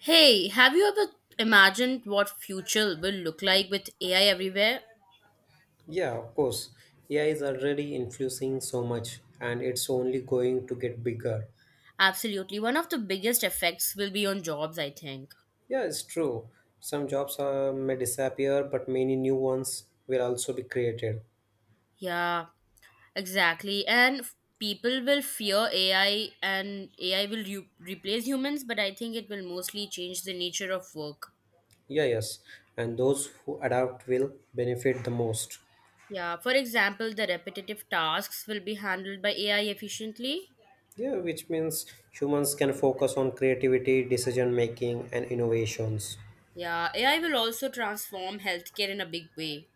Hey, have you ever imagined what future will look like with AI everywhere? Yeah, of course. AI is already influencing so much and it's only going to get bigger. Absolutely. One of the biggest effects will be on jobs, I think. Yeah, it's true. Some jobs may disappear, but many new ones will also be created. Yeah, exactly. People will fear AI and AI will replace humans, but I think it will mostly change the nature of work. Yeah, yes. And those who adapt will benefit the most. Yeah, for example, the repetitive tasks will be handled by AI efficiently. Yeah, which means humans can focus on creativity, decision making, and innovations. Yeah, AI will also transform healthcare in a big way.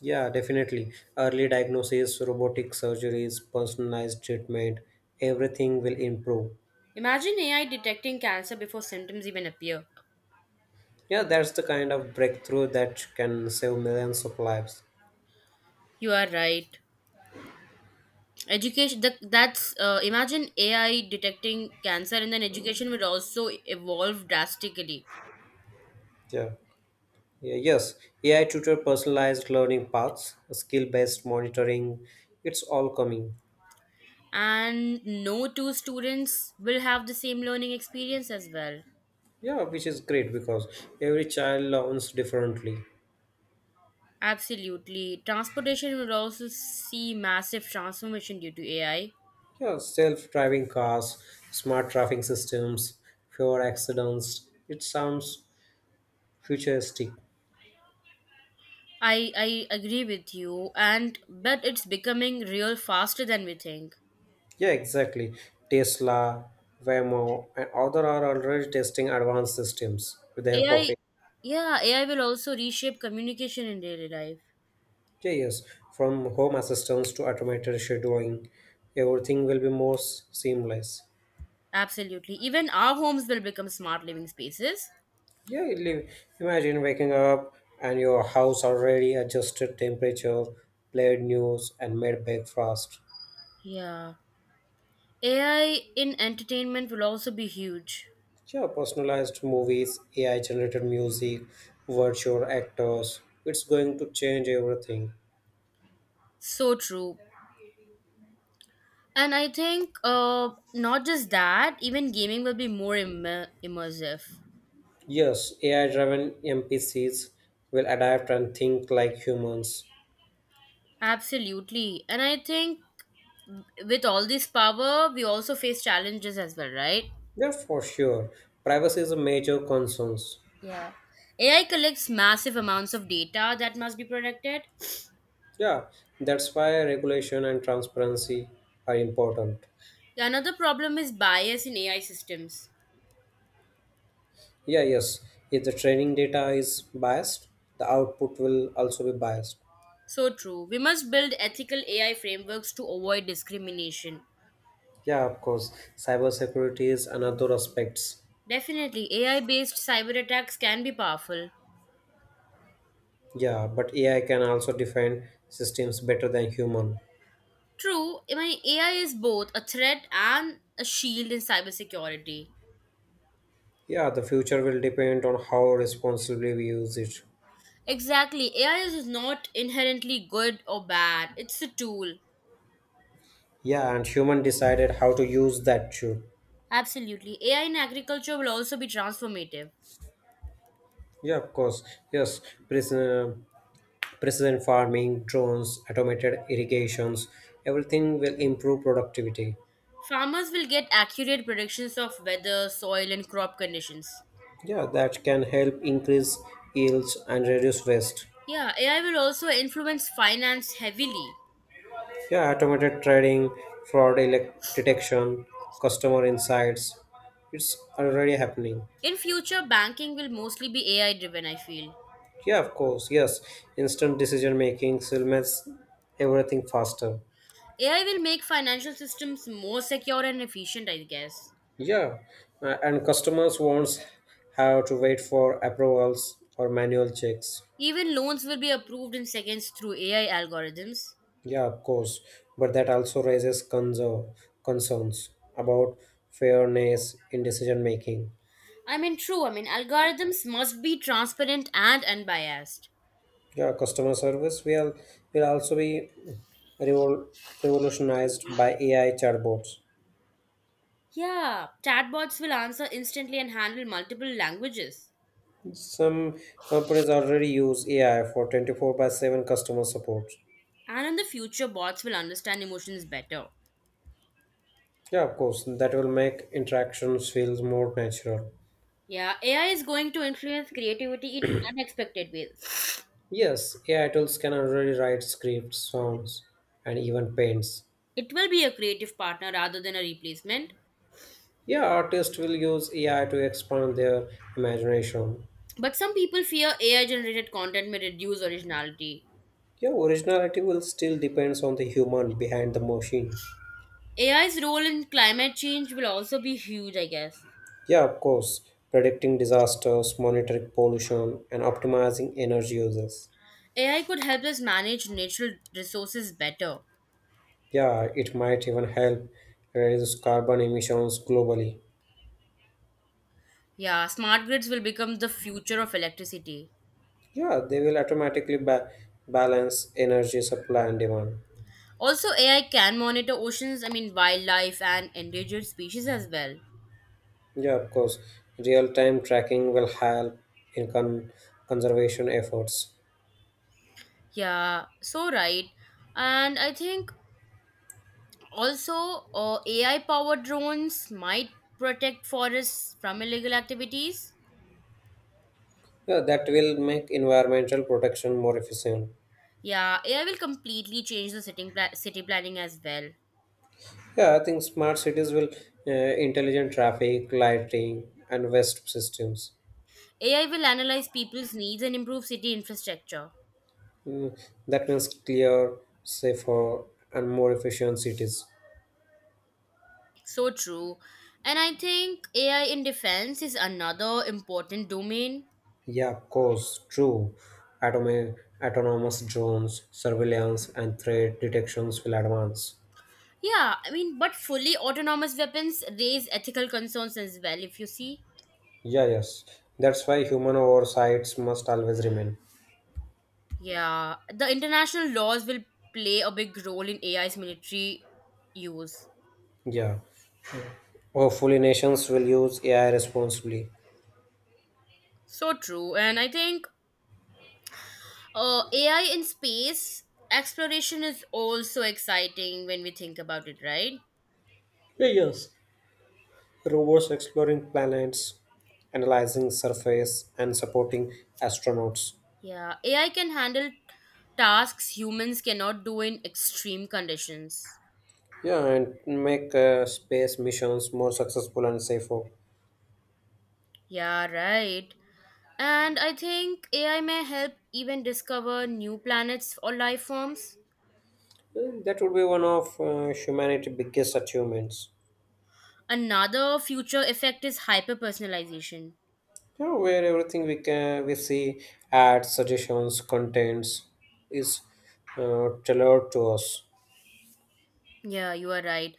Yeah, definitely. Early diagnosis, robotic surgeries, personalized treatment, everything will improve. Imagine AI detecting cancer before symptoms even appear. Yeah, that's the kind of breakthrough that can save millions of lives. You are right. Education the that's Imagine AI detecting cancer, and then education will also evolve drastically. Yeah. Yeah, yes, AI tutor personalized learning paths, skill based monitoring, it's all coming. And no two students will have the same learning experience as well. Yeah, which is great because every child learns differently. Absolutely. Transportation will also see massive transformation due to AI. Yeah, self driving cars, smart traffic systems, fewer accidents. It sounds futuristic. I agree with you, and but it's becoming real faster than we think. Yeah, exactly. Tesla, Waymo, and other are already testing advanced systems with the help of. AI yeah, AI will also reshape communication in daily life. Yeah, yes, from home assistance to automated scheduling, everything will be more seamless. Absolutely. Even our homes will become smart living spaces. Yeah, imagine waking up and your house already adjusted temperature, played news, and made breakfast. Yeah. AI in entertainment will also be huge. Yeah, personalized movies, AI generated music, virtual actors. It's going to change everything. So true. And I think not just that, even gaming will be more immersive. Yes, AI driven NPCs will adapt and think like humans. Absolutely. And I think with all this power, we also face challenges as well, right? Yeah, for sure. Privacy is a major concern. Yeah. AI collects massive amounts of data that must be protected. Yeah, that's why regulation and transparency are important. Another problem is bias in AI systems. Yeah, yes. If the training data is biased, the output will also be biased. So true. We must build ethical AI frameworks to avoid discrimination. Yeah, of course. Cybersecurity is another aspects. Definitely, AI based cyber attacks can be powerful. Yeah, but AI can also defend systems better than human. True, I mean, AI is both a threat and a shield in cybersecurity. Yeah, the future will depend on how responsibly we use it. Exactly, AI is not inherently good or bad, it's a tool. Yeah, and human decided how to use that too. Absolutely, AI in agriculture will also be transformative. Yeah, of course. Yes, prison, precision farming, drones, automated irrigations, everything will improve productivity. Farmers will get accurate predictions of weather, soil, and crop conditions. Yeah, that can help increase yields and reduce waste. Yeah, AI will also influence finance heavily. Yeah, automated trading, fraud detection, customer insights, it's already happening. In future, banking will mostly be AI driven, I feel. Yeah, of course, yes. Instant decision making still makes everything faster. AI will make financial systems more secure and efficient, I guess. Yeah, and customers won't have to wait for approvals or manual checks. Even loans will be approved in seconds through AI algorithms. Yeah, of course, but that also raises concerns about fairness in decision making. True, algorithms must be transparent and unbiased. Yeah, customer service will also be revol- revolutionized by AI chatbots. Yeah, chatbots will answer instantly and handle multiple languages. Some companies already use AI for 24 by 7 customer support. And in the future, bots will understand emotions better. Yeah, of course, that will make interactions feel more natural. Yeah, AI is going to influence creativity in unexpected ways. Yes, AI tools can already write scripts, songs, and even paints. It will be a creative partner rather than a replacement. Yeah, artists will use AI to expand their imagination. But some people fear AI generated content may reduce originality. Yeah, originality will still depends on the human behind the machine. AI's role in climate change will also be huge, I guess. Yeah, of course, predicting disasters, monitoring pollution, and optimizing energy uses. AI could help us manage natural resources better. Yeah, it might even help reduce carbon emissions globally. Yeah, smart grids will become the future of electricity. Yeah, they will automatically balance energy supply and demand. Also, AI can monitor oceans, I mean, wildlife and endangered species as well. Yeah, of course, real-time tracking will help in conservation efforts. Yeah, so right. And I think also AI powered drones might protect forests from illegal activities. Yeah, that will make environmental protection more efficient. Yeah, AI will completely change the city planning as well. Yeah, I think smart cities will intelligent traffic, lighting, and waste systems. AI will analyze people's needs and improve city infrastructure. Mm, that means clear, safer, and more efficient cities. So true. And I think AI in defense is another important domain. Yeah, of course, true. Automa- Autonomous drones, surveillance, and threat detections will advance. Yeah, I mean, but fully autonomous weapons raise ethical concerns as well, if you see. Yeah, yes. That's why human oversights must always remain. Yeah, the international laws will play a big role in AI's military use. Yeah. Hopefully, nations will use AI responsibly. So true. And I think AI in space exploration is also exciting when we think about it, right? Yeah, yes. Rovers exploring planets, analyzing surface, and supporting astronauts. Yeah, AI can handle tasks humans cannot do in extreme conditions. Yeah, and make space missions more successful and safer. Yeah, right. And I think AI may help even discover new planets or life forms. That would be one of humanity's biggest achievements. Another future effect is hyper personalization. You where everything we see ads, suggestions, contents is tailored to us. Yeah, you are right.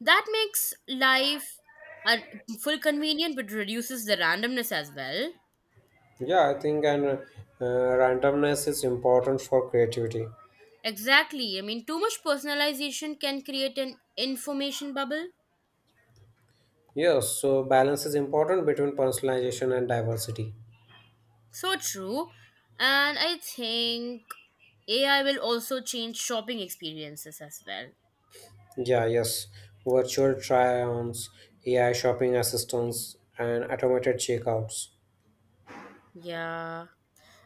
That makes life uh, full convenient but reduces the randomness as well. Yeah, I think and randomness is important for creativity. Exactly. I mean, too much personalization can create an information bubble. Yes, so balance is important between personalization and diversity. So true. And I think AI will also change shopping experiences as well. Yeah, yes. Virtual try-ons, AI shopping assistants, and automated checkouts. Yeah.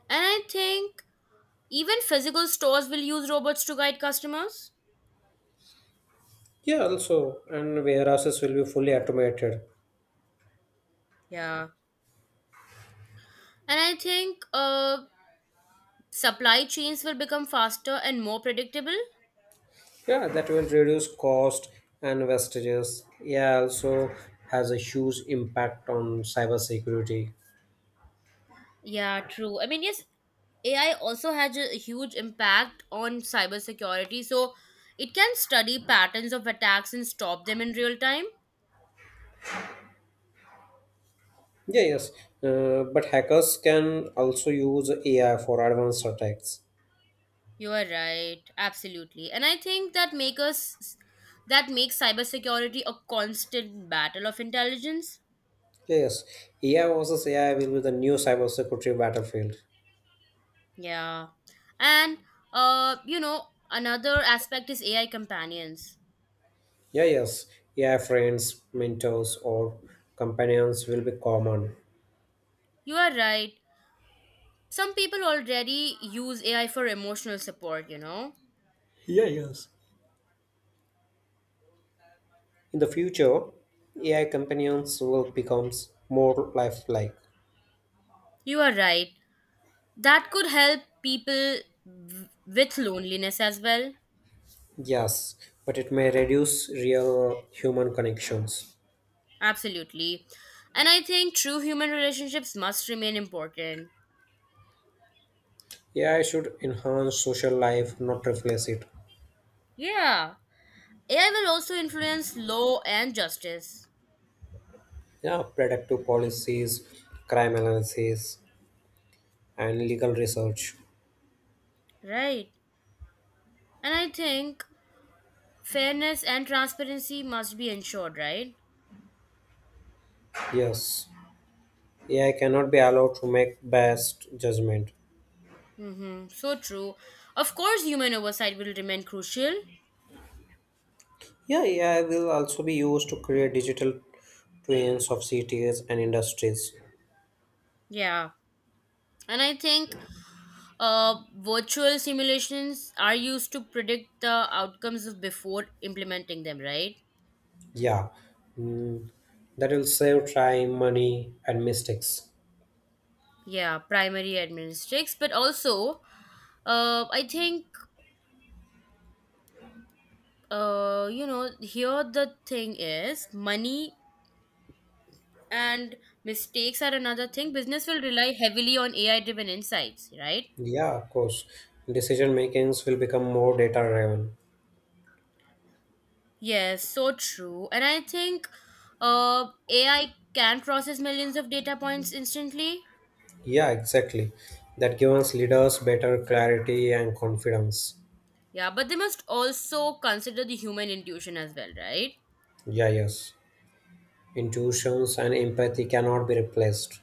And I think even physical stores will use robots to guide customers. Yeah, also, and warehouses will be fully automated. Yeah. And I think supply chains will become faster and more predictable. Yeah, that will reduce cost and wastages. Yeah, also has a huge impact on cybersecurity. Yeah, true. I mean, yes, AI also has a huge impact on cybersecurity. So it can study patterns of attacks and stop them in real time. Yeah, yes. But hackers can also use AI for advanced attacks. You are right, absolutely. And I think that makes cybersecurity a constant battle of intelligence. Yeah, yes, AI versus AI will be the new cybersecurity battlefield. Yeah. And you know, another aspect is AI companions. Yeah, yes. AI friends, mentors, or companions will be common. You are right. Some people already use AI for emotional support, you know. In the future, AI companions will become more lifelike. You are right. That could help people with loneliness as well. Yes, but it may reduce real human connections. Absolutely. And I think true human relationships must remain important. AI should enhance social life, not replace it. Yeah, AI will also influence law and justice. Yeah, predictive policies, crime analysis, and legal research. Right. And I think fairness and transparency must be ensured, right? Yes, AI cannot be allowed to make best judgment. Mm-hmm. So true. Of course, human oversight will remain crucial. Yeah, AI will also be used to create digital twins of cities and industries. Yeah, and I think virtual simulations are used to predict the outcomes of before implementing them, right? Yeah, mm, that will save time, money, and mistakes. Yeah, primary administratives, but also, I think, you know, here the thing is money and mistakes are another thing. Business will rely heavily on AI-driven insights, right? Yeah, of course. Decision makings will become more data driven. Yes, so true. And I think, AI can process millions of data points instantly. Yeah, exactly. That gives leaders better clarity and confidence. Yeah, but they must also consider the human intuition as well, right? Yeah, yes. Intuitions and empathy cannot be replaced.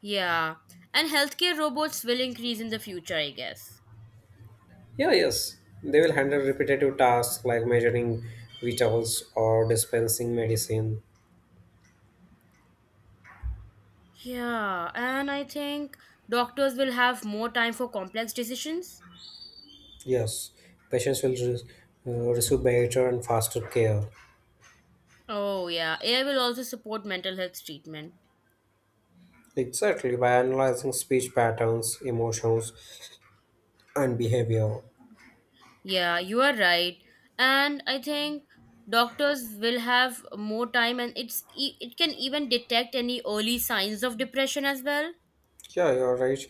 Yeah. And healthcare robots will increase in the future, I guess. Yeah, yes. They will handle repetitive tasks like measuring vitals or dispensing medicine. Yeah, and I think doctors will have more time for complex decisions. Yes, patients will receive better and faster care. Oh, yeah. AI will also support mental health treatment. Exactly, by analyzing speech patterns, emotions, and behavior. Yeah, you are right. And I think doctors will have more time, and it can even detect any early signs of depression as well. Yeah, you're right.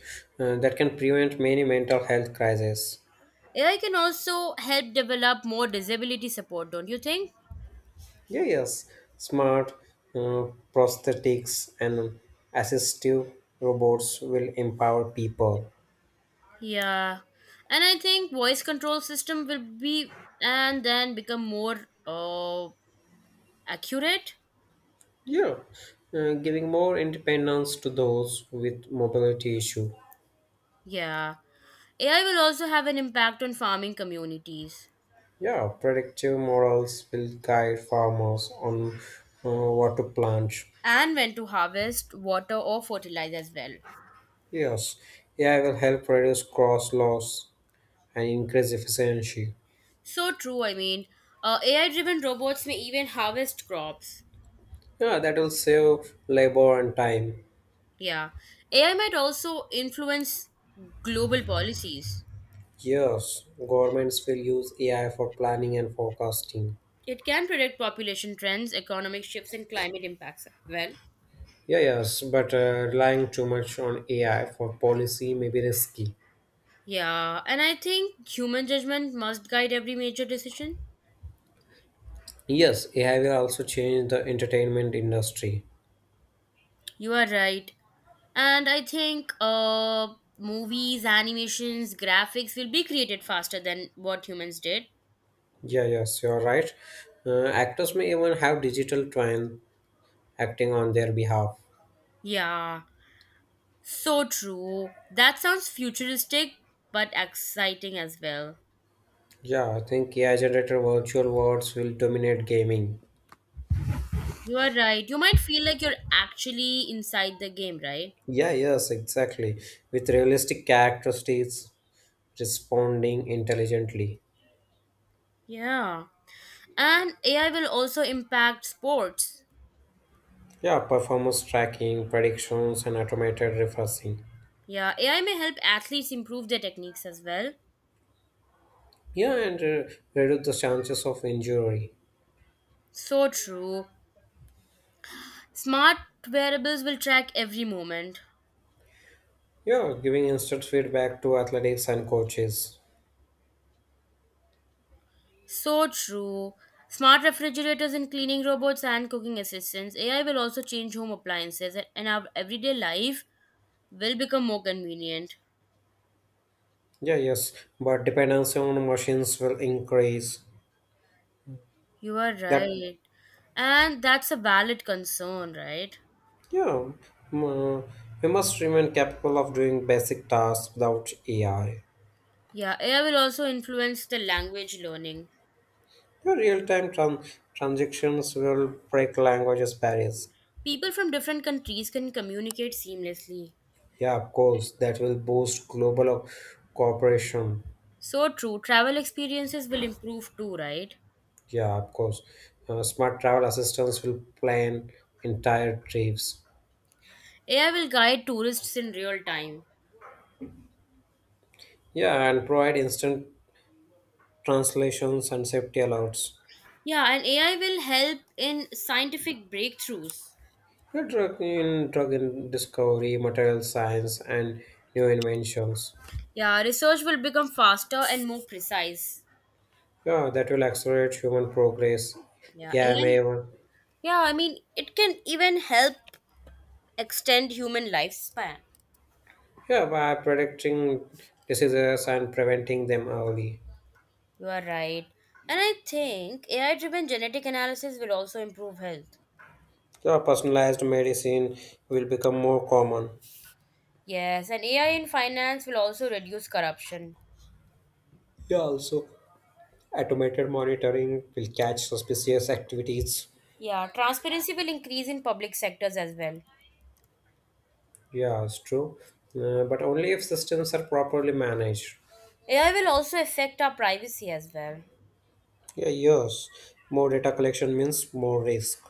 That can prevent many mental health crises. AI can also help develop more disability support, don't you think? Yeah, yes, smart uh, prosthetics and assistive robots will empower people. Yeah, and I think voice control system will be and then become more accurate. Yeah, giving more independence to those with mobility issue. Yeah, AI will also have an impact on farming communities, Yeah, predictive models will guide farmers on what to plant. and when to harvest water or fertilize as well. Yes, AI will help reduce cross loss and increase efficiency. So true. I mean, AI-driven robots may even harvest crops. Yeah, that will save labor and time. Yeah, AI might also influence global policies. Yes, governments will use AI for planning and forecasting. It can predict population trends, economic shifts, and climate impacts. Well. Yeah, yes, but relying too much on AI for policy may be risky. Yeah, and I think human judgment must guide every major decision. Yes, AI will also change the entertainment industry. You are right. And I think movies, animations, graphics will be created faster than what humans did. Yeah, yes, you're right. Actors may even have digital twin acting on their behalf. Yeah, so true. That sounds futuristic but exciting as well. Yeah, I think AI generated virtual worlds will dominate gaming. You are right. You might feel like you're actually inside the game, right? Yeah, yes, exactly. With realistic characteristics responding intelligently. Yeah. And AI will also impact sports. Yeah, performance tracking, predictions, and automated refreshing. Yeah, AI may help athletes improve their techniques as well. Yeah, and reduce the chances of injury. So true. Smart wearables will track every moment. Yeah, giving instant feedback to athletics and coaches. So true. Smart refrigerators and cleaning robots and cooking assistants. AI will also change home appliances, and our everyday life will become more convenient. Yeah, yes, but dependency on machines will increase. You are That right. And that's a valid concern, right? Yeah, m- uh, we must remain capable of doing basic tasks without AI. Yeah, AI will also influence the language learning. The real-time transactions will break languages barriers. People from different countries can communicate seamlessly. Yeah, of course, that will boost global cooperation. So true. Travel experiences will improve too, right? Yeah, of course, smart travel assistants will plan entire trips. AI will guide tourists in real time. Yeah, and provide instant translations and safety alerts. Yeah, and AI will help in scientific breakthroughs. The drug in discovery, material science, and new inventions. Yeah, research will become faster and more precise. Yeah, that will accelerate human progress. Yeah, Yeah, AI. may Yeah, I mean, it can even help extend human lifespan. yeah, by predicting diseases and preventing them early. You are right. And I think AI driven genetic analysis will also improve health. So personalized medicine will become more common. Yes, and AI in finance will also reduce corruption. Yeah, also automated monitoring will catch suspicious activities. Yeah, transparency will increase in public sectors as well. Yeah, it's true. But only if systems are properly managed. AI will also affect our privacy as well. Yeah, yes. More data collection means more risk.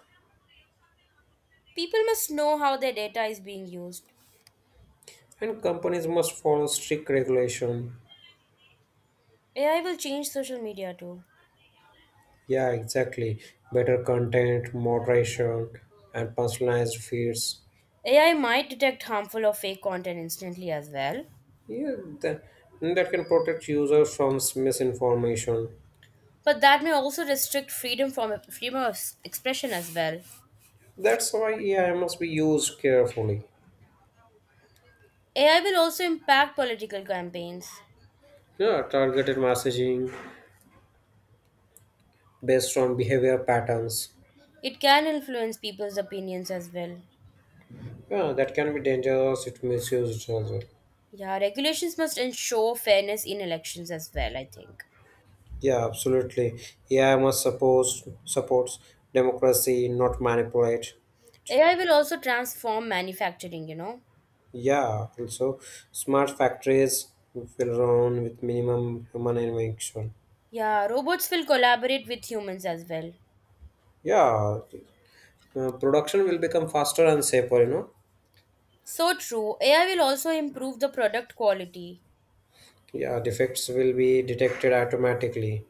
People must know how their data is being used. And companies must follow strict regulation. AI will change social media too. Yeah, exactly. Better content, moderation, and personalized feeds. AI might detect harmful or fake content instantly as well, Yeah, that, that can protect users from misinformation. but that may also restrict freedom of expression as well. That's why AI must be used carefully. AI will also impact political campaigns. Yeah, targeted messaging based on behavior patterns. It can influence people's opinions as well. Yeah, that can be dangerous if misused as well. Yeah, regulations must ensure fairness in elections as well, I think. Yeah, absolutely. AI must suppose supports democracy, not manipulate. AI will also transform manufacturing, you know. Yeah, also smart factories will run with minimum human intervention. Yeah, robots will collaborate with humans as well. Yeah, production will become faster and safer. So true. AI will also improve the product quality. Yeah, defects will be detected automatically.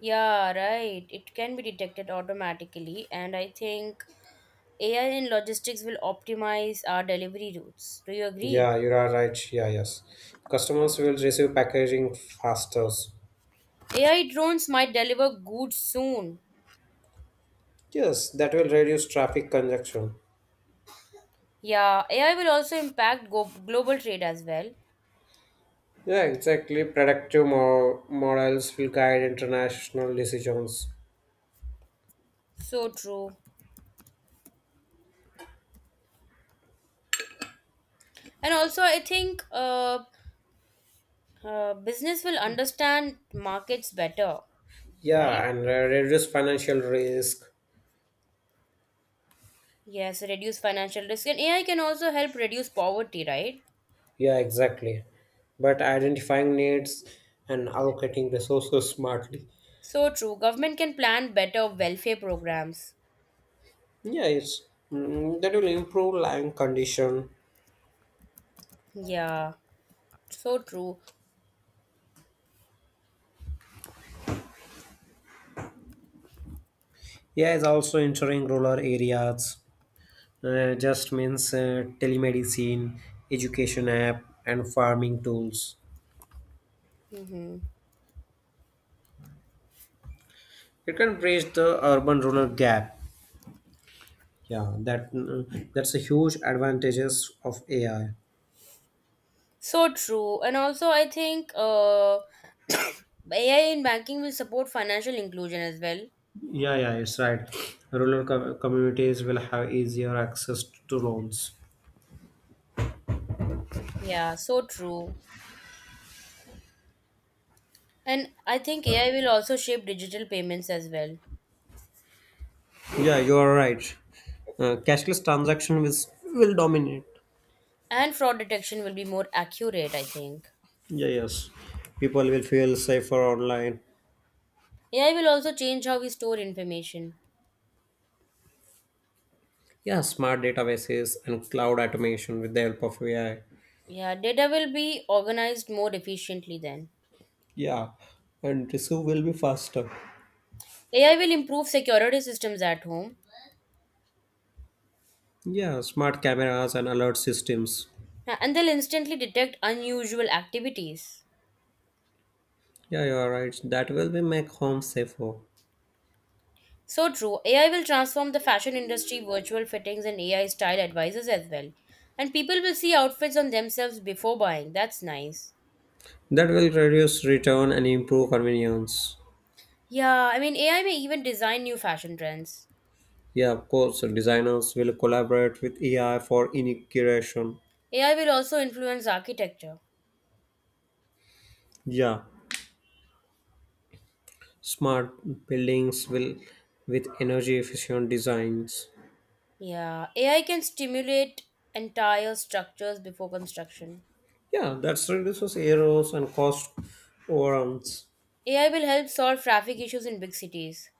Yeah, right. It can be detected automatically, and I think AI in logistics will optimize our delivery routes. Do you agree? Yeah, you are right. Yeah, yes. Customers will receive packaging faster. AI drones might deliver goods soon. Yes, that will reduce traffic congestion. Yeah, AI will also impact global trade as well. Yeah, exactly. Predictive models will guide international decisions. So true. And also, I think business will understand markets better, right? Yeah, and reduce financial risk. Yes, reduce financial risk. And AI can also help reduce poverty, right? Yeah, exactly. But identifying needs and allocating resources smartly. So true. Government can plan better welfare programs. Yeah, that will improve land condition. Yeah, so true. Yeah, it's also ensuring rural areas. Just means telemedicine, education app, and farming tools. Hmm. It can bridge the urban-rural gap. Yeah, that's a huge advantages of AI. So true. And also, I think AI in banking will support financial inclusion as well. Yeah, yeah, it's right. Rural communities will have easier access to loans. Yeah, so true. And I think AI will also shape digital payments as well. Yeah, you are right. Cashless transaction will dominate. And fraud detection will be more accurate, I think. Yeah, yes. People will feel safer online. AI will also change how we store information. Yeah, smart databases and cloud automation with the help of AI. Yeah, data will be organized more efficiently then. Yeah, and receive will be faster. AI will improve security systems at home. Yeah, smart cameras and alert systems. Yeah, and they'll instantly detect unusual activities. Yeah, you are right. That will be make home safer. So true, AI will transform the fashion industry, virtual fittings, and AI style advisors as well. And people will see outfits on themselves before buying. That's nice. That will reduce return and improve convenience. Yeah, I mean, AI may even design new fashion trends. Yeah, of course, designers will collaborate with AI for integration. AI will also influence architecture. Yeah, smart buildings will with energy efficient designs. Yeah, AI can stimulate entire structures before construction. Yeah, that's reduces errors and cost overruns. AI will help solve traffic issues in big cities.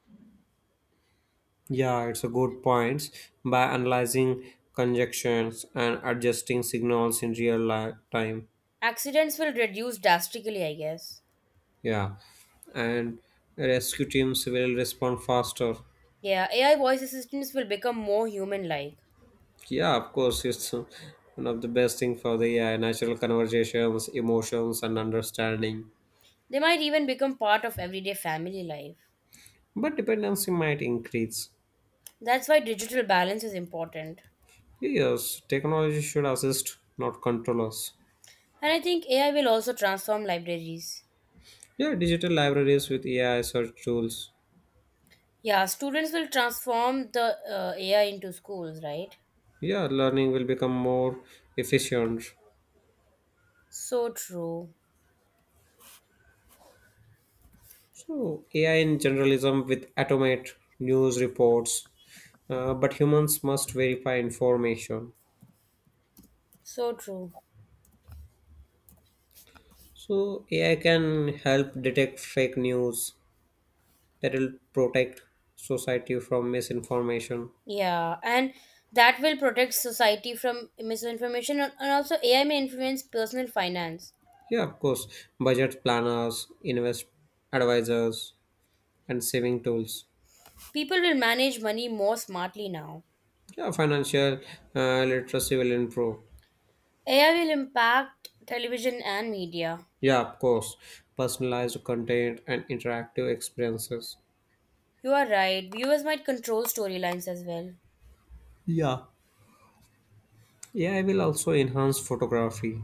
Yeah, it's a good point, by analyzing conjunctions and adjusting signals in real time. Accidents will reduce drastically, I guess. Yeah, and rescue teams will respond faster. Yeah, AI voice assistants will become more human like. Yeah, of course, it's one of the best thing for the AI, natural conversations, emotions, and understanding. They might even become part of everyday family life. But dependency might increase. That's why digital balance is important. Yes, technology should assist, not control us. And I think AI will also transform libraries. Yeah, digital libraries with AI search tools. Yeah, students will transform the AI into schools, right? Yeah, learning will become more efficient. So true. So, AI in generalism with automate news reports, but humans must verify information. So true. So, AI can help detect fake news that will protect society from misinformation. Yeah, and that will protect society from misinformation, and also AI may influence personal finance. Yeah, of course, budget planners, invest advisors, and saving tools. People will manage money more smartly now. Yeah, financial literacy will improve. AI will impact television and media. Yeah, of course. Personalized content and interactive experiences. You are right. Viewers might control storylines as well. Yeah. AI will also enhance photography.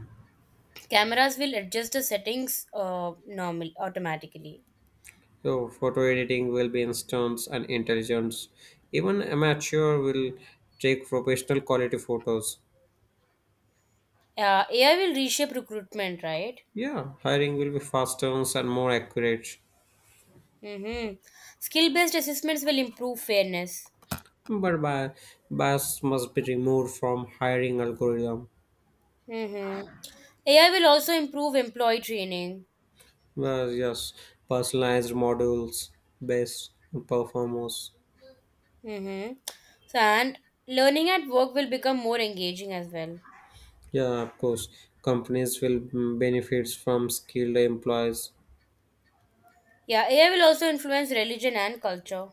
Cameras will adjust the settings normal automatically. So, photo editing will be instant and intelligent. Even amateur will take professional quality photos. AI will reshape recruitment, right? Yeah, hiring will be faster and more accurate. Mm-hmm. Skill-based assessments will improve fairness. But bias must be removed from hiring algorithm. Mm-hmm. AI will also improve employee training. Well, yes, personalized modules based on performance. Mm-hmm. So, and learning at work will become more engaging as well. Yeah, of course, companies will benefits from skilled employees. Yeah, AI will also influence religion and culture.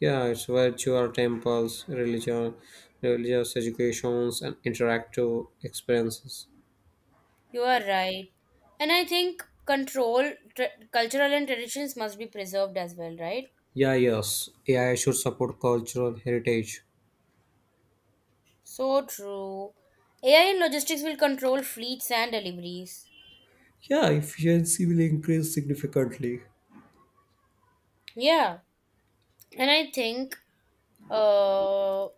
Yeah, it's virtual temples, religious educations, and interactive experiences. You are right. And I think cultural and traditions must be preserved as well, right? Yeah, yes, AI should support cultural heritage. So true. AI and logistics will control fleets and deliveries. Yeah, efficiency will increase significantly. Yeah. And I think uh,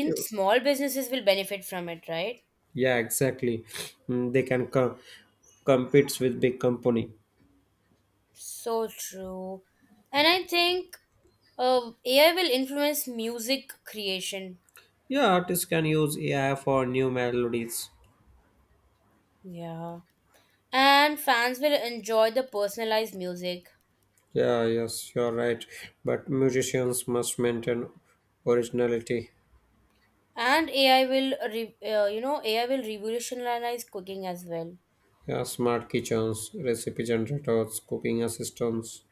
Yeah, small businesses will benefit from it, right? yeah, exactly. Mm, they can compete with big company. So true. And I think AI will influence music creation. Yeah, artists can use AI for new melodies. Yeah. And fans will enjoy the personalized music. Yeah, yes, you're right. But musicians must maintain originality. And ai will re, You know, AI will revolutionize cooking as well. Yeah, smart kitchens, recipe generators, cooking assistants.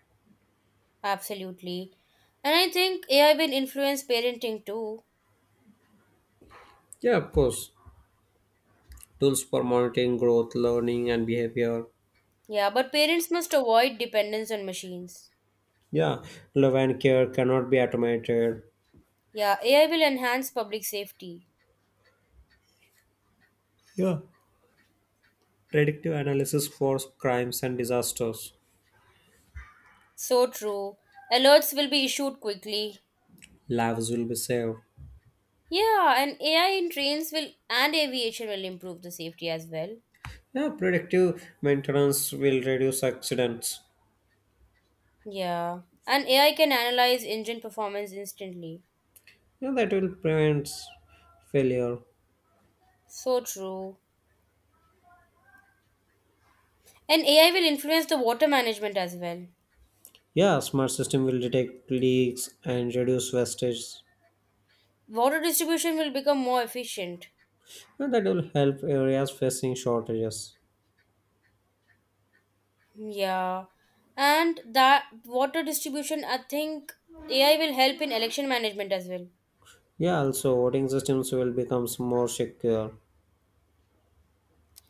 Absolutely. And I think AI will influence parenting too. Yeah, of course. Tools for monitoring growth, learning, and behavior. Yeah, but parents must avoid dependence on machines. Yeah, love and care cannot be automated. Yeah, AI will enhance public safety. Yeah. Predictive analysis for crimes and disasters. So true. Alerts will be issued quickly. Lives will be saved. Yeah, and ai in trains will and aviation will improve the safety as well. Yeah, predictive maintenance will reduce accidents. Yeah, and AI can analyze engine performance instantly. Yeah, that will prevent failure. So true. And AI will influence the water management as well. Yeah, smart system will detect leaks and reduce wastage. Water distribution will become more efficient. And that will help areas facing shortages. Yeah. And that water distribution, I think AI will help in election management as well. Yeah, also voting systems will become more secure.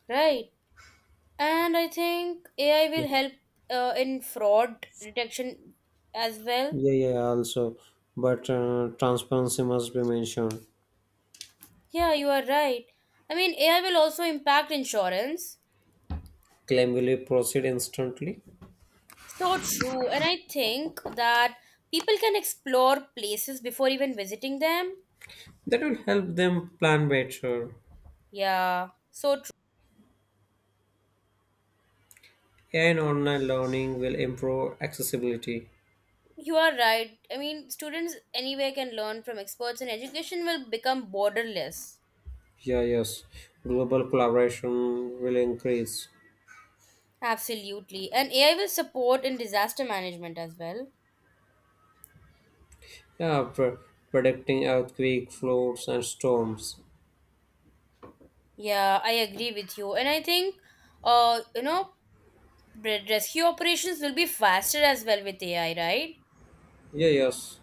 Right. And I think AI will help in fraud detection as well. Yeah, yeah, yeah, also. But transparency must be mentioned. Yeah, you are right. I mean, AI will also impact insurance. Claim will proceed instantly. So true. And I think that people can explore places before even visiting them. That will help them plan better. Yeah, so AI and online learning will improve accessibility. you are right. I mean, students anywhere can learn from experts, and education will become borderless. Yeah, yes. Global collaboration will increase. Absolutely. And AI will support in disaster management as well. Yeah, predicting earthquake, floods, and storms. Yeah, I agree with you. And I think, you know, rescue operations will be faster as well with AI, right? Yeah, yes.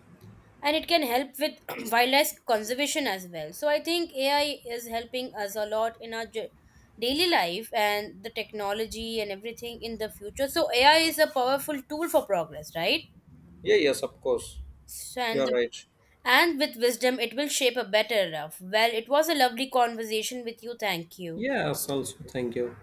And it can help with wildlife conservation as well. So I think AI is helping us a lot in our daily life and the technology and everything in the future. So AI is a powerful tool for progress, right? Yeah, yes, of course. So, You're right. and with wisdom it will shape a better life. Well, it was a lovely conversation with you. Thank you. Yes, also, thank you.